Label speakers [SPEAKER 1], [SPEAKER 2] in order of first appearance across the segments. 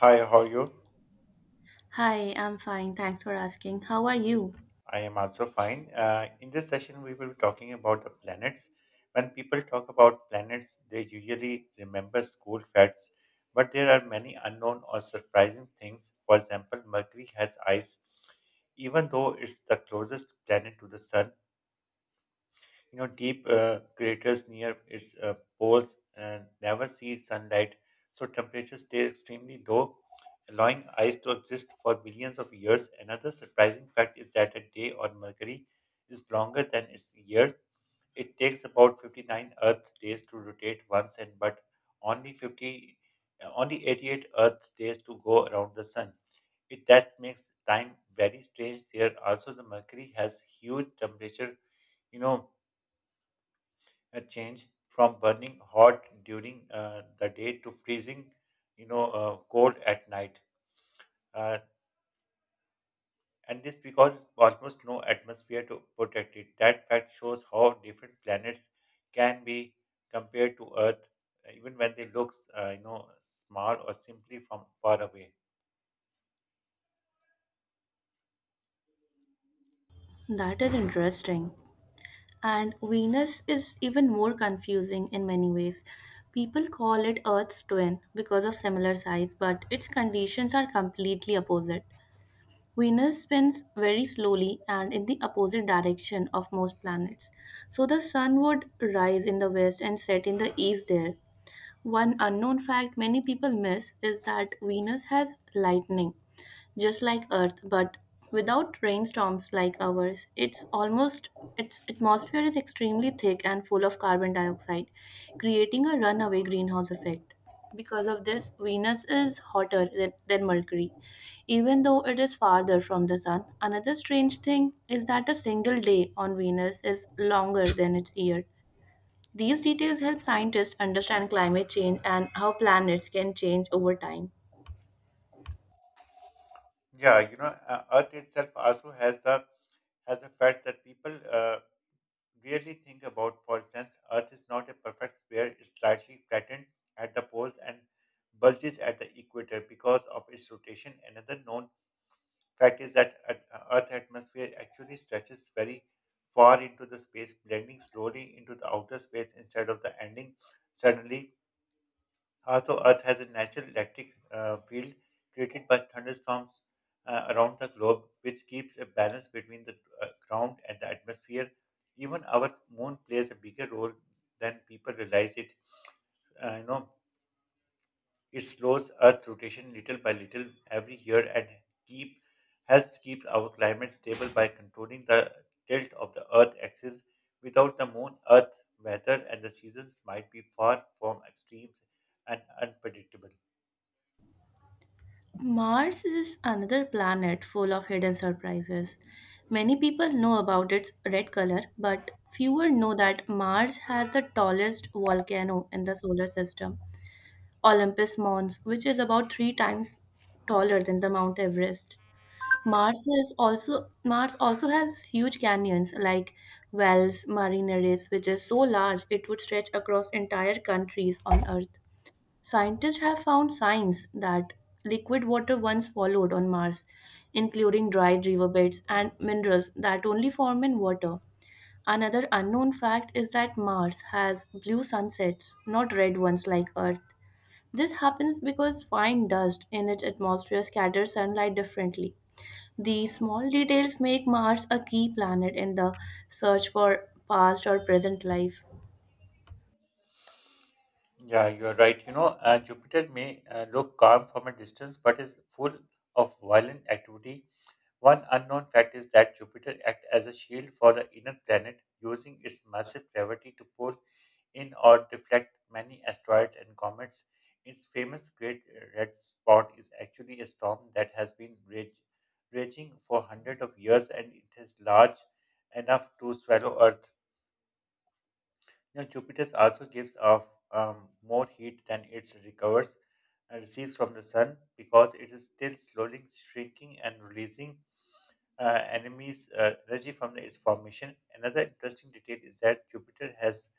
[SPEAKER 1] Hi, how are you?
[SPEAKER 2] Hi, I'm fine. Thanks for asking. How are you?
[SPEAKER 1] I am also fine. In this session, we will be talking about the planets. When people talk about planets, they usually remember school facts, but there are many unknown or surprising things. For example, Mercury has ice, even though it's the closest planet to the sun. You know, deep craters near its poles never see sunlight, so temperatures stay extremely low, allowing ice to exist for millions of years. Another surprising fact is that a day on Mercury is longer than its year. It takes about 59 Earth days to rotate once, and but only 50, uh, only 88 Earth days to go around the sun. It that makes time very strange there. Also, the Mercury has huge temperature, you know, a change from burning hot during the day to freezing, you know, cold at night. Uh, and this because almost no atmosphere to protect it. That fact shows how different planets can be compared to Earth, even when they look, you know, small or simply from far away.
[SPEAKER 2] That is interesting. And Venus is even more confusing in many ways. People call it Earth's twin because of similar size, but its conditions are completely opposite. Venus spins very slowly and in the opposite direction of most planets. So the sun would rise in the west and set in the east there. One unknown fact many people miss is that Venus has lightning just like Earth, but without rainstorms like ours. It's almost its atmosphere is extremely thick and full of carbon dioxide, creating a runaway greenhouse effect. Because of this, Venus is hotter than Mercury, even though it is farther from the Sun. Another strange thing is that a single day on Venus is longer than its year. These details help scientists understand climate change and how planets can change over time.
[SPEAKER 1] Yeah, you know, Earth itself also has the fact that people. Really think about, for instance, Earth is not a perfect sphere, it's slightly flattened at the poles and bulges at the equator because of its rotation. Another known fact is that Earth's atmosphere actually stretches very far into the space, blending slowly into the outer space instead of the ending suddenly also, Earth has a natural electric field created by thunderstorms around the globe, which keeps a balance between the ground and the atmosphere. Even our moon plays a bigger role than people realize it. You know, it slows Earth rotation little by little every year and keep helps keep our climate stable by controlling the tilt of the Earth axis. Without the moon, Earth weather and the seasons might be far from extremes and unpredictable.
[SPEAKER 2] Mars is another planet full of hidden surprises. Many people know about its red color, but fewer know that Mars has the tallest volcano in the solar system, Olympus Mons, which is about 3 times taller than the Mount Everest. Mars also has huge canyons like Wells Marineris, which is so large it would stretch across entire countries on Earth. Scientists have found signs that liquid water once followed on Mars, including dried riverbeds and minerals that only form in water. Another unknown fact is that Mars has blue sunsets, not red ones like Earth. This happens because fine dust in its atmosphere scatters sunlight differently. These small details make Mars a key planet in the search for past or present life.
[SPEAKER 1] Yeah, you are right. You know, Jupiter may look calm from a distance, but is full of violent activity. One unknown fact is that Jupiter acts as a shield for the inner planet, using its massive gravity to pull in or deflect many asteroids and comets. Its famous Great Red Spot is actually a storm that has been raging for hundreds of years, and it is large enough to swallow Earth. Now, Jupiter also gives off more heat than it recovers and receives from the sun because it is still slowly shrinking and releasing enemies energy from its formation. Another interesting detail is that Jupiter has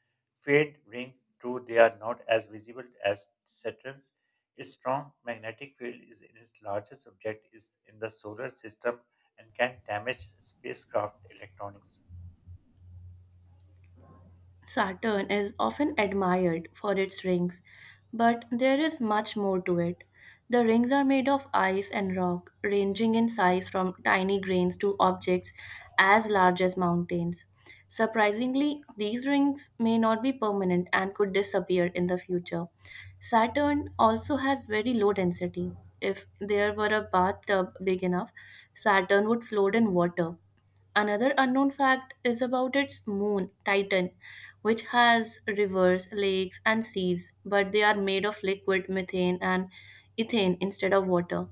[SPEAKER 1] faint rings, though they are not as visible as Saturn's. Its strong magnetic field is in its largest object is in the solar system and can damage spacecraft electronics.
[SPEAKER 2] Saturn is often admired for its rings, but there is much more to it. The rings are made of ice and rock, ranging in size from tiny grains to objects as large as mountains. Surprisingly, these rings may not be permanent and could disappear in the future. Saturn also has very low density. If there were a bathtub big enough, Saturn would float in water. Another unknown fact is about its moon, Titan, which has rivers, lakes, and seas, but they are made of liquid methane and ethane instead of water.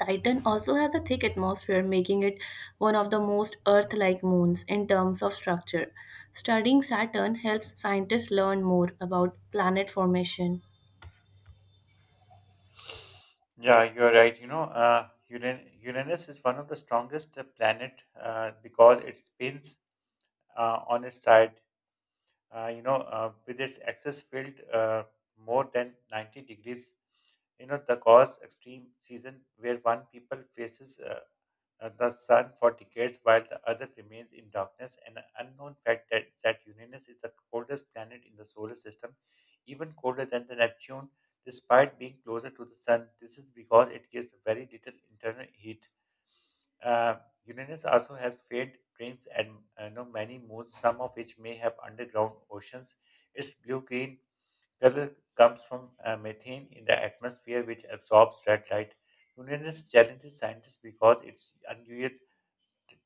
[SPEAKER 2] Titan also has a thick atmosphere, making it one of the most Earth like moons in terms of structure. Studying Saturn helps scientists learn more about planet formation.
[SPEAKER 1] Yeah, you're right. You know, Uranus is one of the strongest planet because it spins on its side. With its axis filled more than 90 degrees. You know, the cause extreme season where one people faces of the sun for decades while the other remains in darkness. An unknown fact that Uranus is the coldest planet in the solar system, even colder than the Neptune, despite being closer to the sun. This is because it gives very little internal heat. Uh, Uranus also has faint rings and you know, many moons, some of which may have underground oceans. Its blue-green color comes from methane in the atmosphere, which absorbs red light. Uranus challenges scientists because its unusual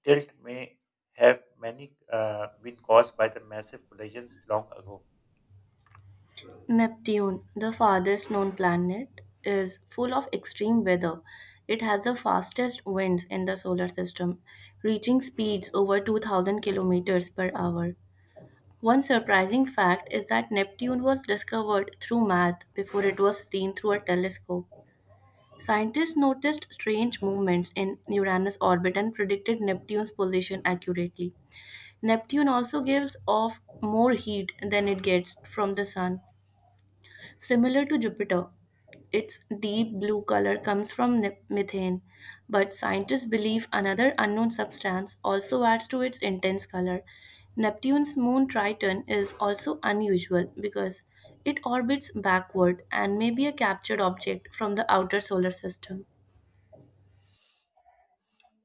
[SPEAKER 1] tilt may have many been caused by the massive collisions long ago.
[SPEAKER 2] Neptune, the farthest known planet, is full of extreme weather. It has the fastest winds in the solar system, reaching speeds over 2000 kilometers per hour. One surprising fact is that Neptune was discovered through math before it was seen through a telescope. Scientists noticed strange movements in Uranus' orbit and predicted Neptune's position accurately. Neptune also gives off more heat than it gets from the sun. Similar to Jupiter, its deep blue color comes from methane, but scientists believe another unknown substance also adds to its intense color. Neptune's moon Triton is also unusual because it orbits backward and may be a captured object from the outer solar system.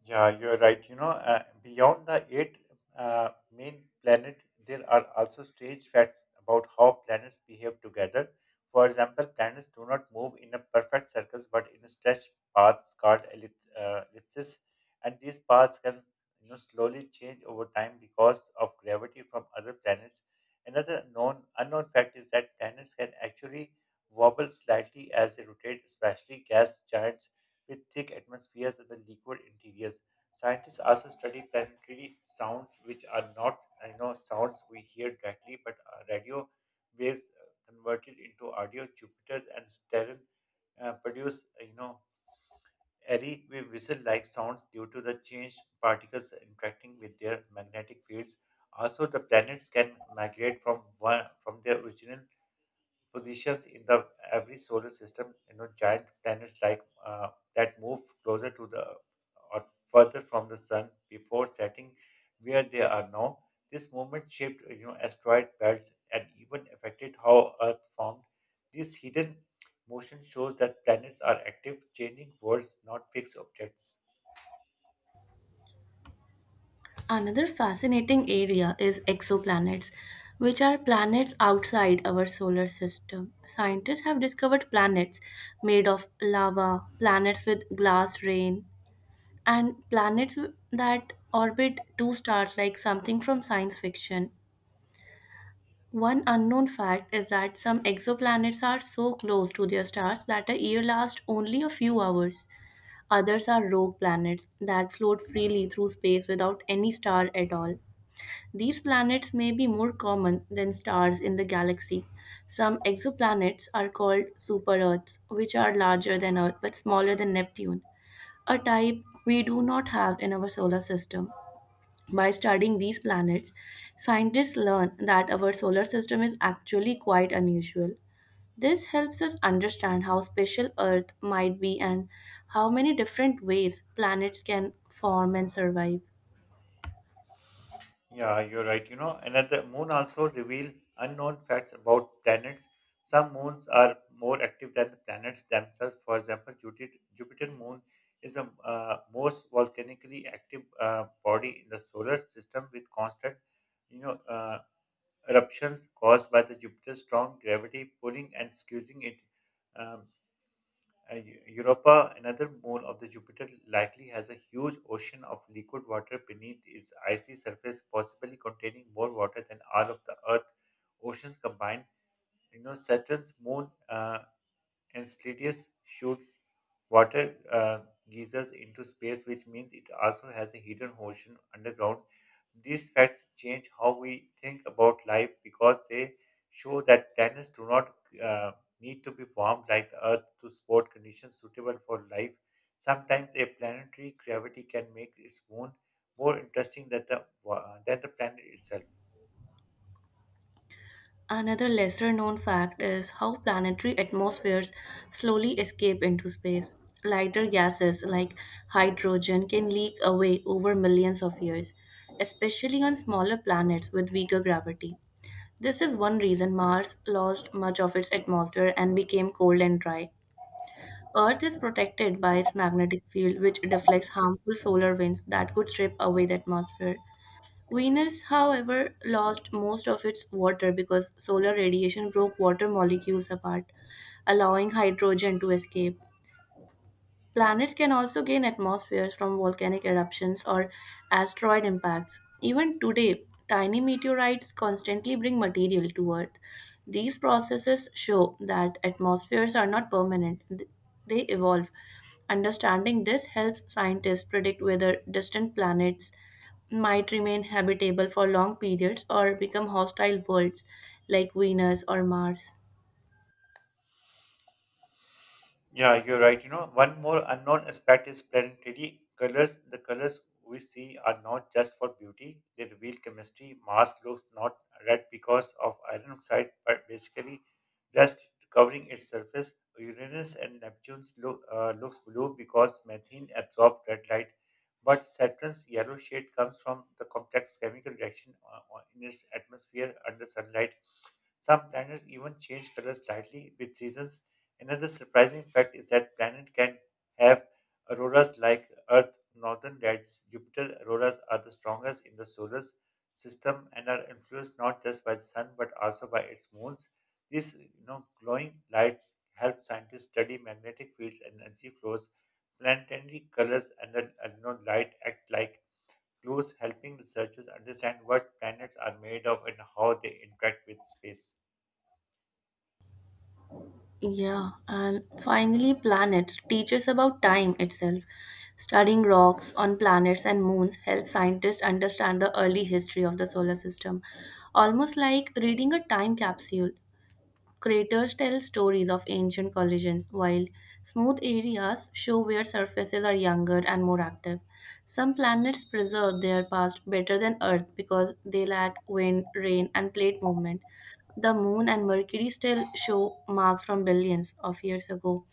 [SPEAKER 1] Yeah, you're right. You know, beyond the eight main planet, there are also strange facts about how planets behave together. For example, planets do not move in a perfect circles, but in stretched paths called ellipses, and these paths can you know slowly change over time because of gravity from other planets. Another known unknown fact is that planets can actually wobble slightly as they rotate, especially gas giants with thick atmospheres and the liquid interiors. Scientists also study planetary sounds, which are not you know sounds we hear directly, but are radio waves converted into audio. Jupiter and Saturn produce you know airy whistle-like sounds due to the changed particles interacting with their magnetic fields. Also, the planets can migrate from their original positions in the every solar system you know giant planets like that move closer to the or further from the sun before setting where they are now this movement shaped you know asteroid belts and even affected how earth formed this hidden motion shows that planets are active changing worlds not fixed objects.
[SPEAKER 2] Another fascinating area is exoplanets, which are planets outside our solar system. Scientists have discovered planets made of lava, planets with glass rain, and planets that orbit two stars like something from science fiction. One unknown fact is that some exoplanets are so close to their stars that a year lasts only a few hours. Others are rogue planets that float freely through space without any star at all. These planets may be more common than stars in the galaxy. Some exoplanets are called super Earths, which are larger than Earth but smaller than Neptune, a type we do not have in our solar system. By studying these planets, scientists learn that our solar system is actually quite unusual. This helps us understand how special Earth might be and how many different ways planets can form and survive.
[SPEAKER 1] Yeah, you're right. You know, another moon also reveal unknown facts about planets. Some moons are more active than the planets themselves. For example, Jupiter moon is the most volcanically active body in the solar system with constant, you know, eruptions caused by the Jupiter's strong gravity pulling and squeezing it. Um, Europa, another moon of the Jupiter, likely has a huge ocean of liquid water beneath its icy surface, possibly containing more water than all of the Earth oceans combined. You know, Saturn's moon and Slitius shoots water geysers into space, which means it also has a hidden ocean underground. These facts change how we think about life because they show that planets do not uh, need to be formed like the Earth to support conditions suitable for life. Sometimes a planetary gravity can make its moon more interesting than than the planet itself.
[SPEAKER 2] Another lesser known fact is how planetary atmospheres slowly escape into space. Lighter gases like hydrogen can leak away over millions of years, especially on smaller planets with weaker gravity. This is one reason Mars lost much of its atmosphere and became cold and dry. Earth is protected by its magnetic field, which deflects harmful solar winds that could strip away the atmosphere. Venus, however, lost most of its water because solar radiation broke water molecules apart, allowing hydrogen to escape. Planets can also gain atmospheres from volcanic eruptions or asteroid impacts. Even today, tiny meteorites constantly bring material to Earth. These processes show that atmospheres are not permanent, they evolve. Understanding this helps scientists predict whether distant planets might remain habitable for long periods or become hostile worlds like Venus or Mars.
[SPEAKER 1] Yeah, you're right. You know, one more unknown aspect is planetary colors. The colors we see are not just for beauty, they reveal chemistry. Mars looks not red because of iron oxide, but basically dust covering its surface. Uranus and Neptune's looks blue because methane absorbs red light, but Saturn's yellow shade comes from the complex chemical reaction in its atmosphere under sunlight. Some planets even change colors slightly with seasons. Another surprising fact is that planet can have auroras like Earth northern lights. Jupiter auroras are the strongest in the solar system and are influenced not just by the sun but also by its moons. These you know, glowing lights help scientists study magnetic fields and energy flows. Planetary colors and the you know, light act like clues, helping researchers understand what planets are made of and how they interact with space.
[SPEAKER 2] Yeah, and finally, planets teach us about time itself. Studying rocks on planets and moons helps scientists understand the early history of the solar system, almost like reading a time capsule. Craters tell stories of ancient collisions, while smooth areas show where surfaces are younger and more active. Some planets preserve their past better than Earth because they lack wind, rain, and plate movement. The Moon and Mercury still show marks from billions of years ago.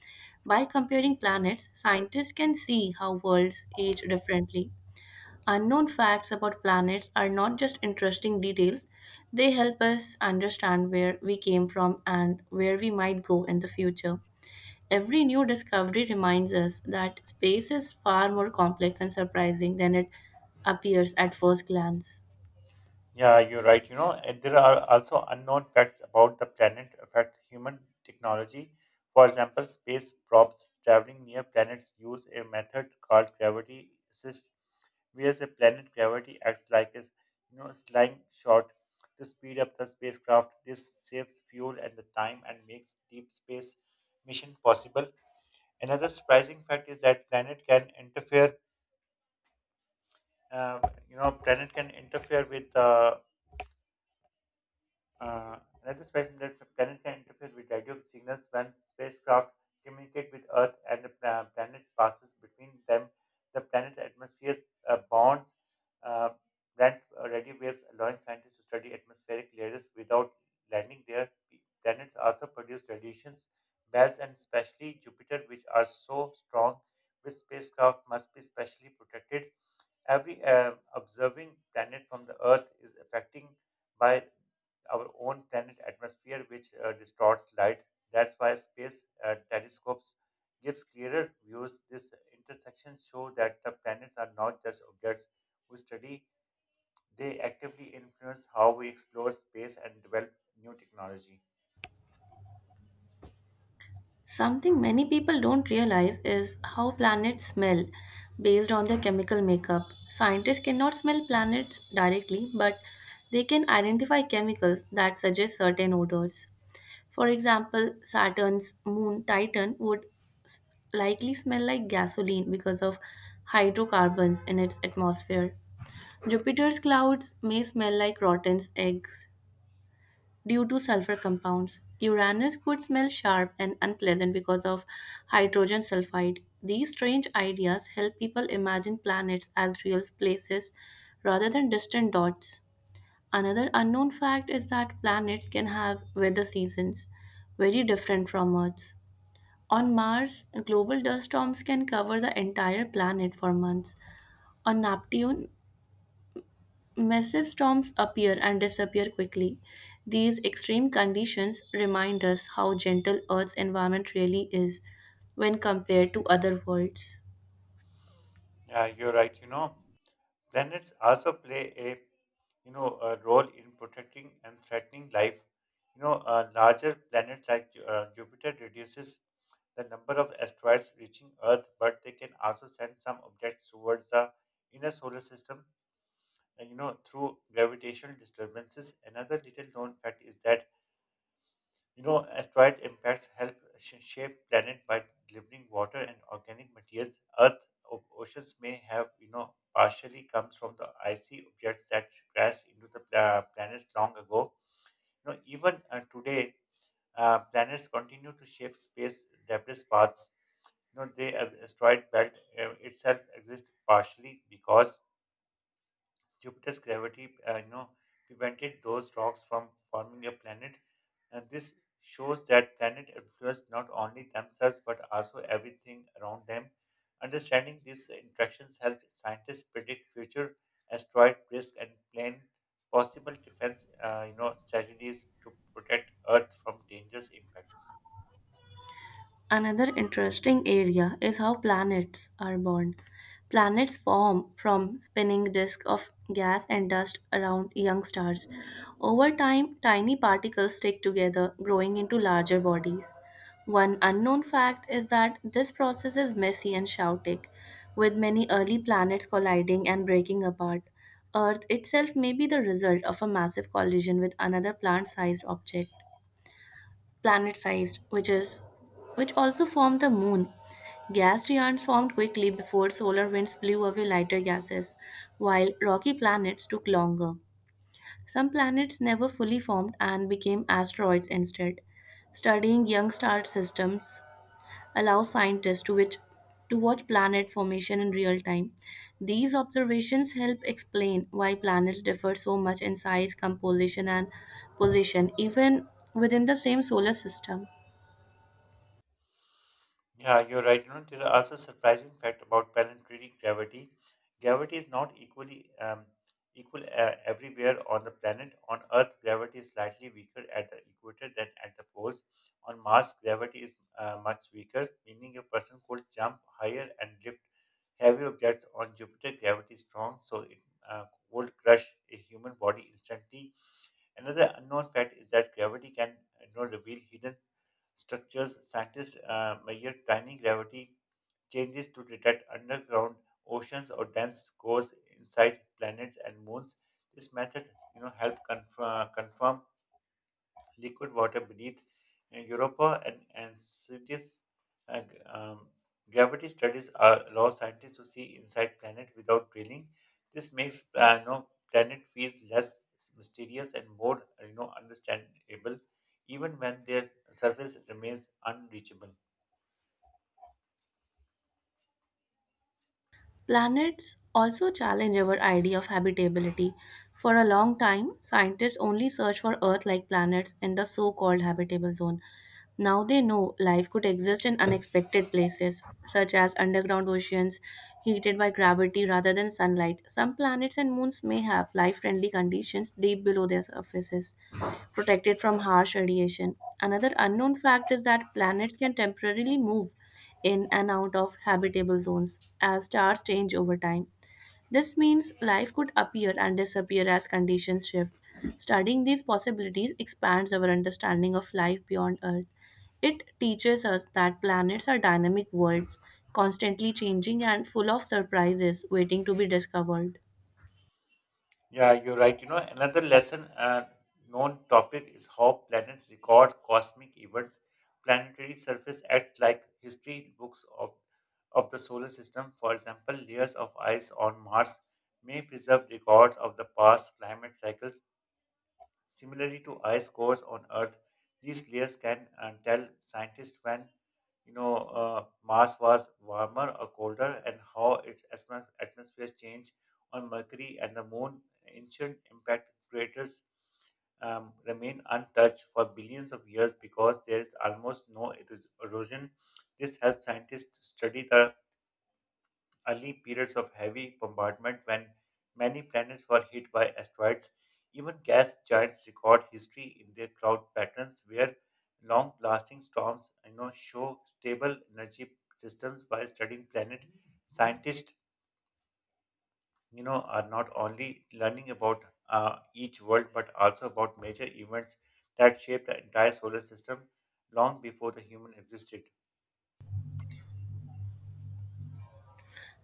[SPEAKER 2] By comparing planets, scientists can see how worlds age differently. Unknown facts about planets are not just interesting details, they help us understand where we came from and where we might go in the future. Every new discovery reminds us that space is far more complex and surprising than it appears at first glance.
[SPEAKER 1] Yeah, you're right. You know, and there are also unknown facts about the planet affect human technology. For example, space probes traveling near planets use a method called gravity assist, whereas a planet gravity acts like a you know slingshot to speed up the spacecraft. This saves fuel and the time and makes deep space mission possible. Another surprising fact is that planet can interfere. Uh, you know, planet can interfere with the Uh, another space pla- planet can interfere with radio signals when spacecraft communicate with Earth and the planet passes between them. The planet's atmosphere bonds uh, grants radio waves, allowing scientists to study atmospheric layers without landing there. Planets also produce radiations belts, and especially Jupiter, which are so strong, which spacecraft must be specially protected every observing planet from the Earth is affecting by our own planet atmosphere, which distorts light. That's why space telescopes gives clearer views. These intersections show that the planets are not just objects we study; they actively influence how we explore space and develop new technology.
[SPEAKER 2] Something many people don't realize is how planets smell based on their chemical makeup. Scientists cannot smell planets directly, but they can identify chemicals that suggest certain odors. For example, Saturn's moon Titan would s- likely smell like gasoline because of hydrocarbons in its atmosphere. Jupiter's clouds may smell like rotten eggs, due to sulfur compounds. Uranus could smell sharp and unpleasant because of hydrogen sulfide. These strange ideas help people imagine planets as real places rather than distant dots. Another unknown fact is that planets can have weather seasons very different from Earth's. On Mars, global dust storms can cover the entire planet for months. On Neptune, massive storms appear and disappear quickly. These extreme conditions remind us how gentle Earth's environment really is when compared to other worlds.
[SPEAKER 1] Yeah, you're right. You know. Planets also play a you know a role in protecting and threatening life. You know, larger planets like Jupiter reduces the number of asteroids reaching Earth, but they can also send some objects towards the inner solar system. You know, through gravitational disturbances. Another little known fact is that you know, asteroid impacts help shape planet by delivering water and organic materials. Earth oceans may have, you know, partially comes from the icy objects that crashed into the planets long ago. You know, even today, planets continue to shape space debris paths. You know, the asteroid belt itself exists partially because Jupiter's gravity, you know, prevented those rocks from forming a planet. And this shows that planet influence not only themselves but also everything around them. Understanding these interactions helps scientists predict future asteroid risk and plan possible defense, you know, strategies to protect Earth from dangerous impacts.
[SPEAKER 2] Another interesting area is how planets are born. Planets form from spinning disks of gas and dust around young stars. Over time, tiny particles stick together, growing into larger bodies. One unknown fact is that this process is messy and chaotic, with many early planets colliding and breaking apart. Earth itself may be the result of a massive collision with another plant sized object planet-sized, which also formed the moon. Gas giants formed quickly before solar winds blew away lighter gases, while rocky planets took longer. Some planets never fully formed and became asteroids instead. Studying young star systems allows scientists to which to watch planet formation in real time. These observations help explain why planets differ so much in size, composition, and position, even within the same solar system.
[SPEAKER 1] Yeah, you're right. You know, there are also surprising fact about planetary gravity. Gravity is not equal everywhere on the planet. On Earth, gravity is slightly weaker at the equator than at the poles. On Mars, gravity is much weaker, meaning a person could jump higher and lift heavy objects. On Jupiter, gravity is strong, so it would crush a human body instantly. Another unknown fact is that gravity can, reveal hidden structures. Scientists measure tiny gravity changes to detect underground oceans or dense cores inside planets and moons. This method, help confirm liquid water beneath Europa and cities. uh, um, Gravity studies are, allow scientists to see inside planet without drilling. This makes planet feels less mysterious and more understandable, even when their surface remains unreachable.
[SPEAKER 2] Planets also challenge our idea of habitability. For a long time, scientists only searched for Earth like planets in the so called habitable zone. Now they know life could exist in unexpected places, such as underground oceans heated by gravity rather than sunlight. Some planets and moons may have life friendly conditions deep below their surfaces, protected from harsh radiation. Another unknown fact is that planets can temporarily move in and out of habitable zones as stars change over time. This means life could appear and disappear as conditions shift. Studying these possibilities expands our understanding of life beyond Earth. It teaches us that planets are dynamic worlds, constantly changing and full of surprises waiting to be discovered.
[SPEAKER 1] Yeah, you're right. You know, another lesson known topic is how planets record cosmic events. Planetary surface acts like history books of the solar system. For example, layers of ice on Mars may preserve records of the past climate cycles. Similarly to ice cores on Earth, these layers can tell scientists when Mars was warmer or colder and how its atmosphere changed on Mercury and the Moon. Ancient impact craters remain untouched for billions of years because there is almost no erosion. This helps scientists study the early periods of heavy bombardment when many planets were hit by asteroids. Even gas giants record history in their cloud patterns where long lasting storms show stable energy systems by studying planet. Scientists are not only learning about each world but also about major events that shape the entire solar system long before the human existed.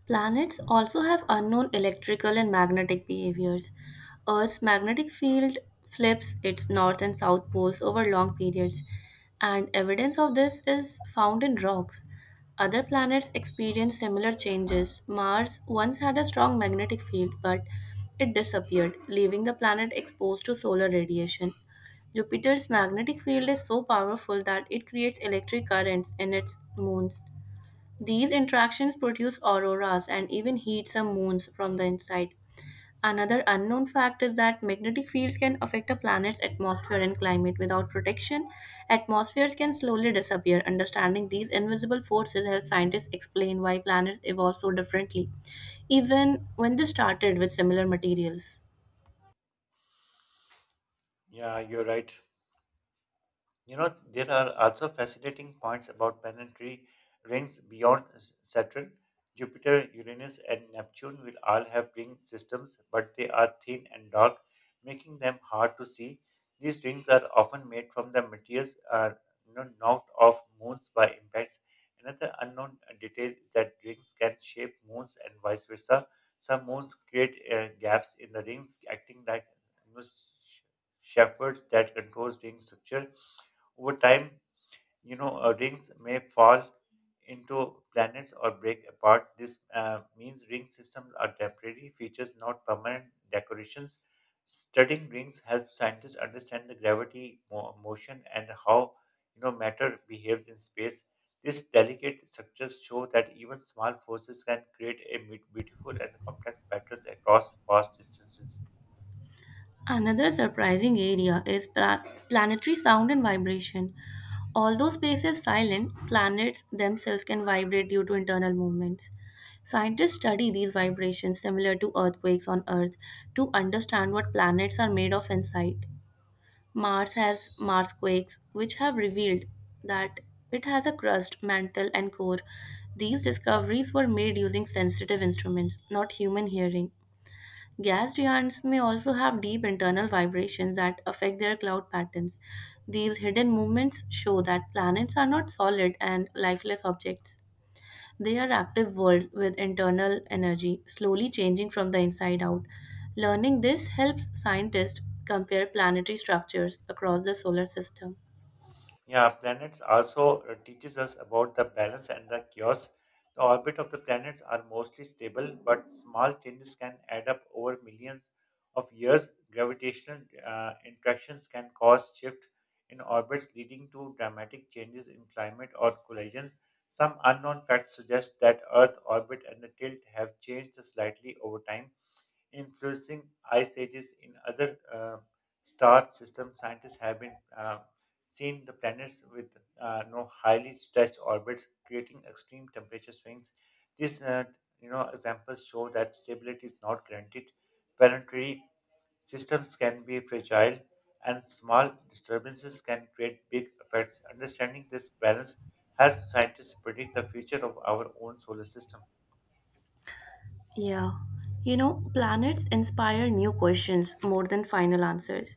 [SPEAKER 2] Planets also have unknown electrical and magnetic behaviors. Earth's magnetic field flips its north and south poles over long periods, and evidence of this is found in rocks. Other planets experience similar changes. Mars once had a strong magnetic field, but it disappeared, leaving the planet exposed to solar radiation. Jupiter's magnetic field is so powerful that it creates electric currents in its moons. These interactions produce auroras and even heat some moons from the inside. Another unknown fact is that magnetic fields can affect a planet's atmosphere and climate. Without protection, atmospheres can slowly disappear. Understanding these invisible forces helps scientists explain why planets evolve so differently, even when they started with similar materials.
[SPEAKER 1] Yeah, you're right. You know, there are also fascinating points about planetary rings beyond Saturn. Jupiter, Uranus, and Neptune will all have ring systems, but they are thin and dark, making them hard to see. These rings are often made from the materials knocked off moons by impacts. Another unknown detail is that rings can shape moons and vice versa. Some moons create gaps in the rings, acting like you know, sh- shepherds that controls ring structure. Over time, rings may fall into planets or break apart. This means ring systems are temporary features, not permanent decorations. Studying rings helps scientists understand the gravity, motion, and how matter behaves in space. These delicate structures show that even small forces can create a beautiful and complex patterns across vast distances.
[SPEAKER 2] Another surprising area is planetary sound and vibration. Although space is silent, planets themselves can vibrate due to internal movements. Scientists study these vibrations similar to earthquakes on Earth to understand what planets are made of inside. Mars has Mars quakes, which have revealed that it has a crust, mantle, and core. These discoveries were made using sensitive instruments, not human hearing. Gas giants may also have deep internal vibrations that affect their cloud patterns. These hidden movements show that planets are not solid and lifeless objects. They are active worlds with internal energy, slowly changing from the inside out. Learning this helps scientists compare planetary structures across the solar system.
[SPEAKER 1] Yeah, planets also teaches us about the balance and the chaos. The orbit of the planets are mostly stable, but small changes can add up over millions of years. Gravitational interactions can cause shift in orbits, leading to dramatic changes in climate or collisions. Some unknown facts suggest that Earth orbit and the tilt have changed slightly over time influencing ice ages in other star systems. Scientists have been seen the planets with no highly stretched orbits, creating extreme temperature swings. These examples show that stability is not guaranteed. Planetary systems can be fragile, and small disturbances can create big effects. Understanding this balance helps scientists predict the future of our own solar system.
[SPEAKER 2] Yeah. You know, planets inspire new questions more than final answers.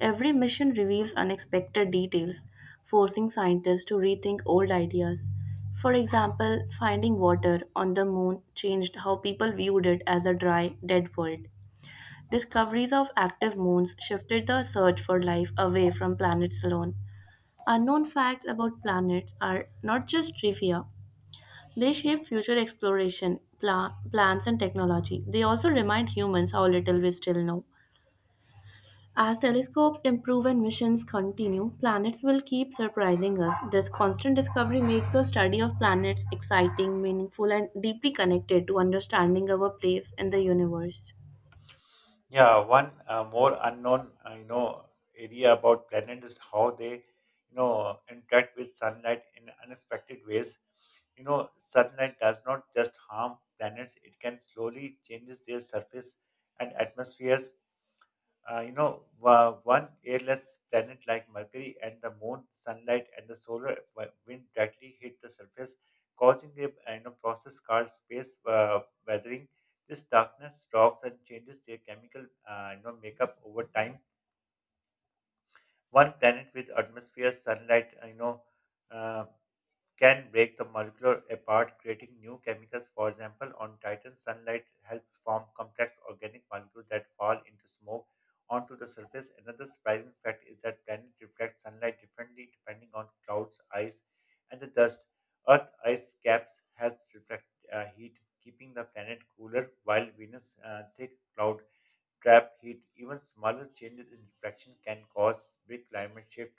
[SPEAKER 2] Every mission reveals unexpected details, forcing scientists to rethink old ideas. For example, finding water on the moon changed how people viewed it as a dry, dead world. Discoveries of active moons shifted the search for life away from planets alone. Unknown facts about planets are not just trivia, they shape future exploration, plans, and technology. They also remind humans how little we still know. As telescopes improve and missions continue, planets will keep surprising us. This constant discovery makes the study of planets exciting, meaningful, and deeply connected to understanding our place in the universe.
[SPEAKER 1] Yeah, one more unknown, area about planet is how they, interact with sunlight in unexpected ways. You know, sunlight does not just harm planets; it can slowly changes their surface and atmospheres. One airless planet like Mercury and the moon, sunlight and the solar wind directly hit the surface, causing a process called space weathering. This darkness rocks and changes their chemical makeup over time. One planet with atmosphere, sunlight, uh, can break the molecular apart, creating new chemicals. For example, on Titan, sunlight helps form complex organic molecules that fall into smoke onto the surface. Another surprising fact is that planets reflect sunlight differently depending on clouds, ice, and the dust. Earth ice caps helps reflect heat, keeping the planet cooler, while Venus' thick cloud trap heat. Even smaller changes in reflection can cause big climate shift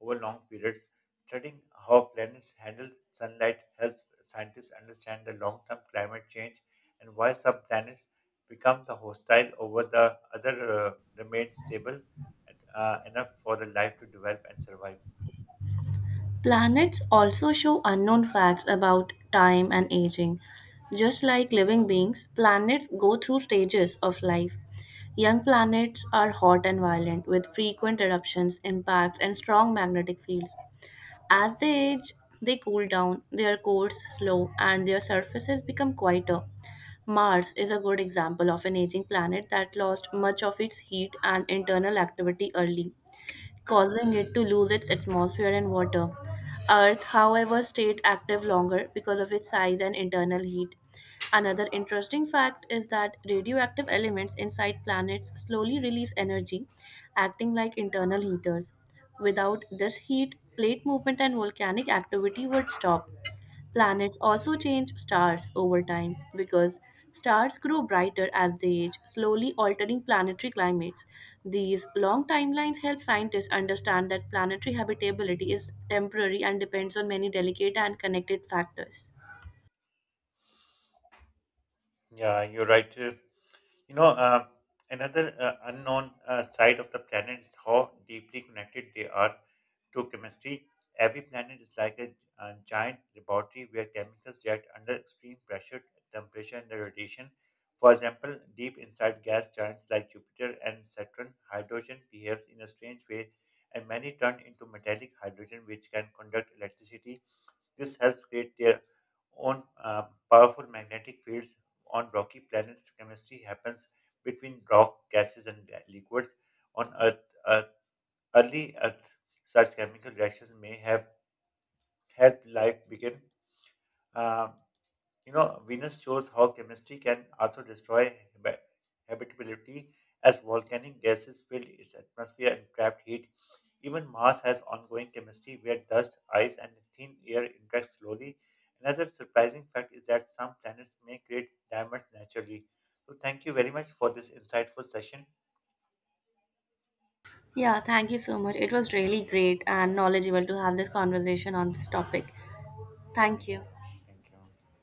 [SPEAKER 1] over long periods. Studying how planets handle sunlight helps scientists understand the long-term climate change and why some planets become the hostile over the other remain stable and, enough for the life to develop and survive.
[SPEAKER 2] Planets also show unknown facts about time and aging. Just like living beings, planets go through stages of life. Young planets are hot and violent, with frequent eruptions, impacts, and strong magnetic fields. As they age, they cool down, their cores slow, and their surfaces become quieter. Mars is a good example of an aging planet that lost much of its heat and internal activity early, causing it to lose its atmosphere and water. Earth, however, stayed active longer because of its size and internal heat. Another interesting fact is that radioactive elements inside planets slowly release energy, acting like internal heaters. Without this heat, plate movement and volcanic activity would stop. Planets also change stars over time because stars grow brighter as they age, slowly altering planetary climates. These long timelines help scientists understand that planetary habitability is temporary and depends on many delicate and connected factors.
[SPEAKER 1] Yeah, you're right. You know, uh, Another unknown side of the planet is how deeply connected they are to chemistry. Every planet is like a, giant laboratory where chemicals react under extreme pressure, temperature, and radiation. For example, deep inside gas giants like Jupiter and Saturn, hydrogen behaves in a strange way, and many turn into metallic hydrogen, which can conduct electricity. This helps create their own powerful magnetic fields on rocky planets. Chemistry happens between rock, gases, and liquids. On Earth, Earth early Earth, such chemical reactions may have helped life begin. Um, Venus shows how chemistry can also destroy habitability as volcanic gases fill its atmosphere and trap heat. Even Mars has ongoing chemistry where dust, ice, and thin air interact slowly. Another surprising fact is that some planets may create diamonds naturally. So, thank you very much for this insightful session.
[SPEAKER 2] Yeah, thank you so much. It was really great and knowledgeable to have this conversation on this topic. Thank
[SPEAKER 1] Thank
[SPEAKER 2] you.
[SPEAKER 1] you. Thank you.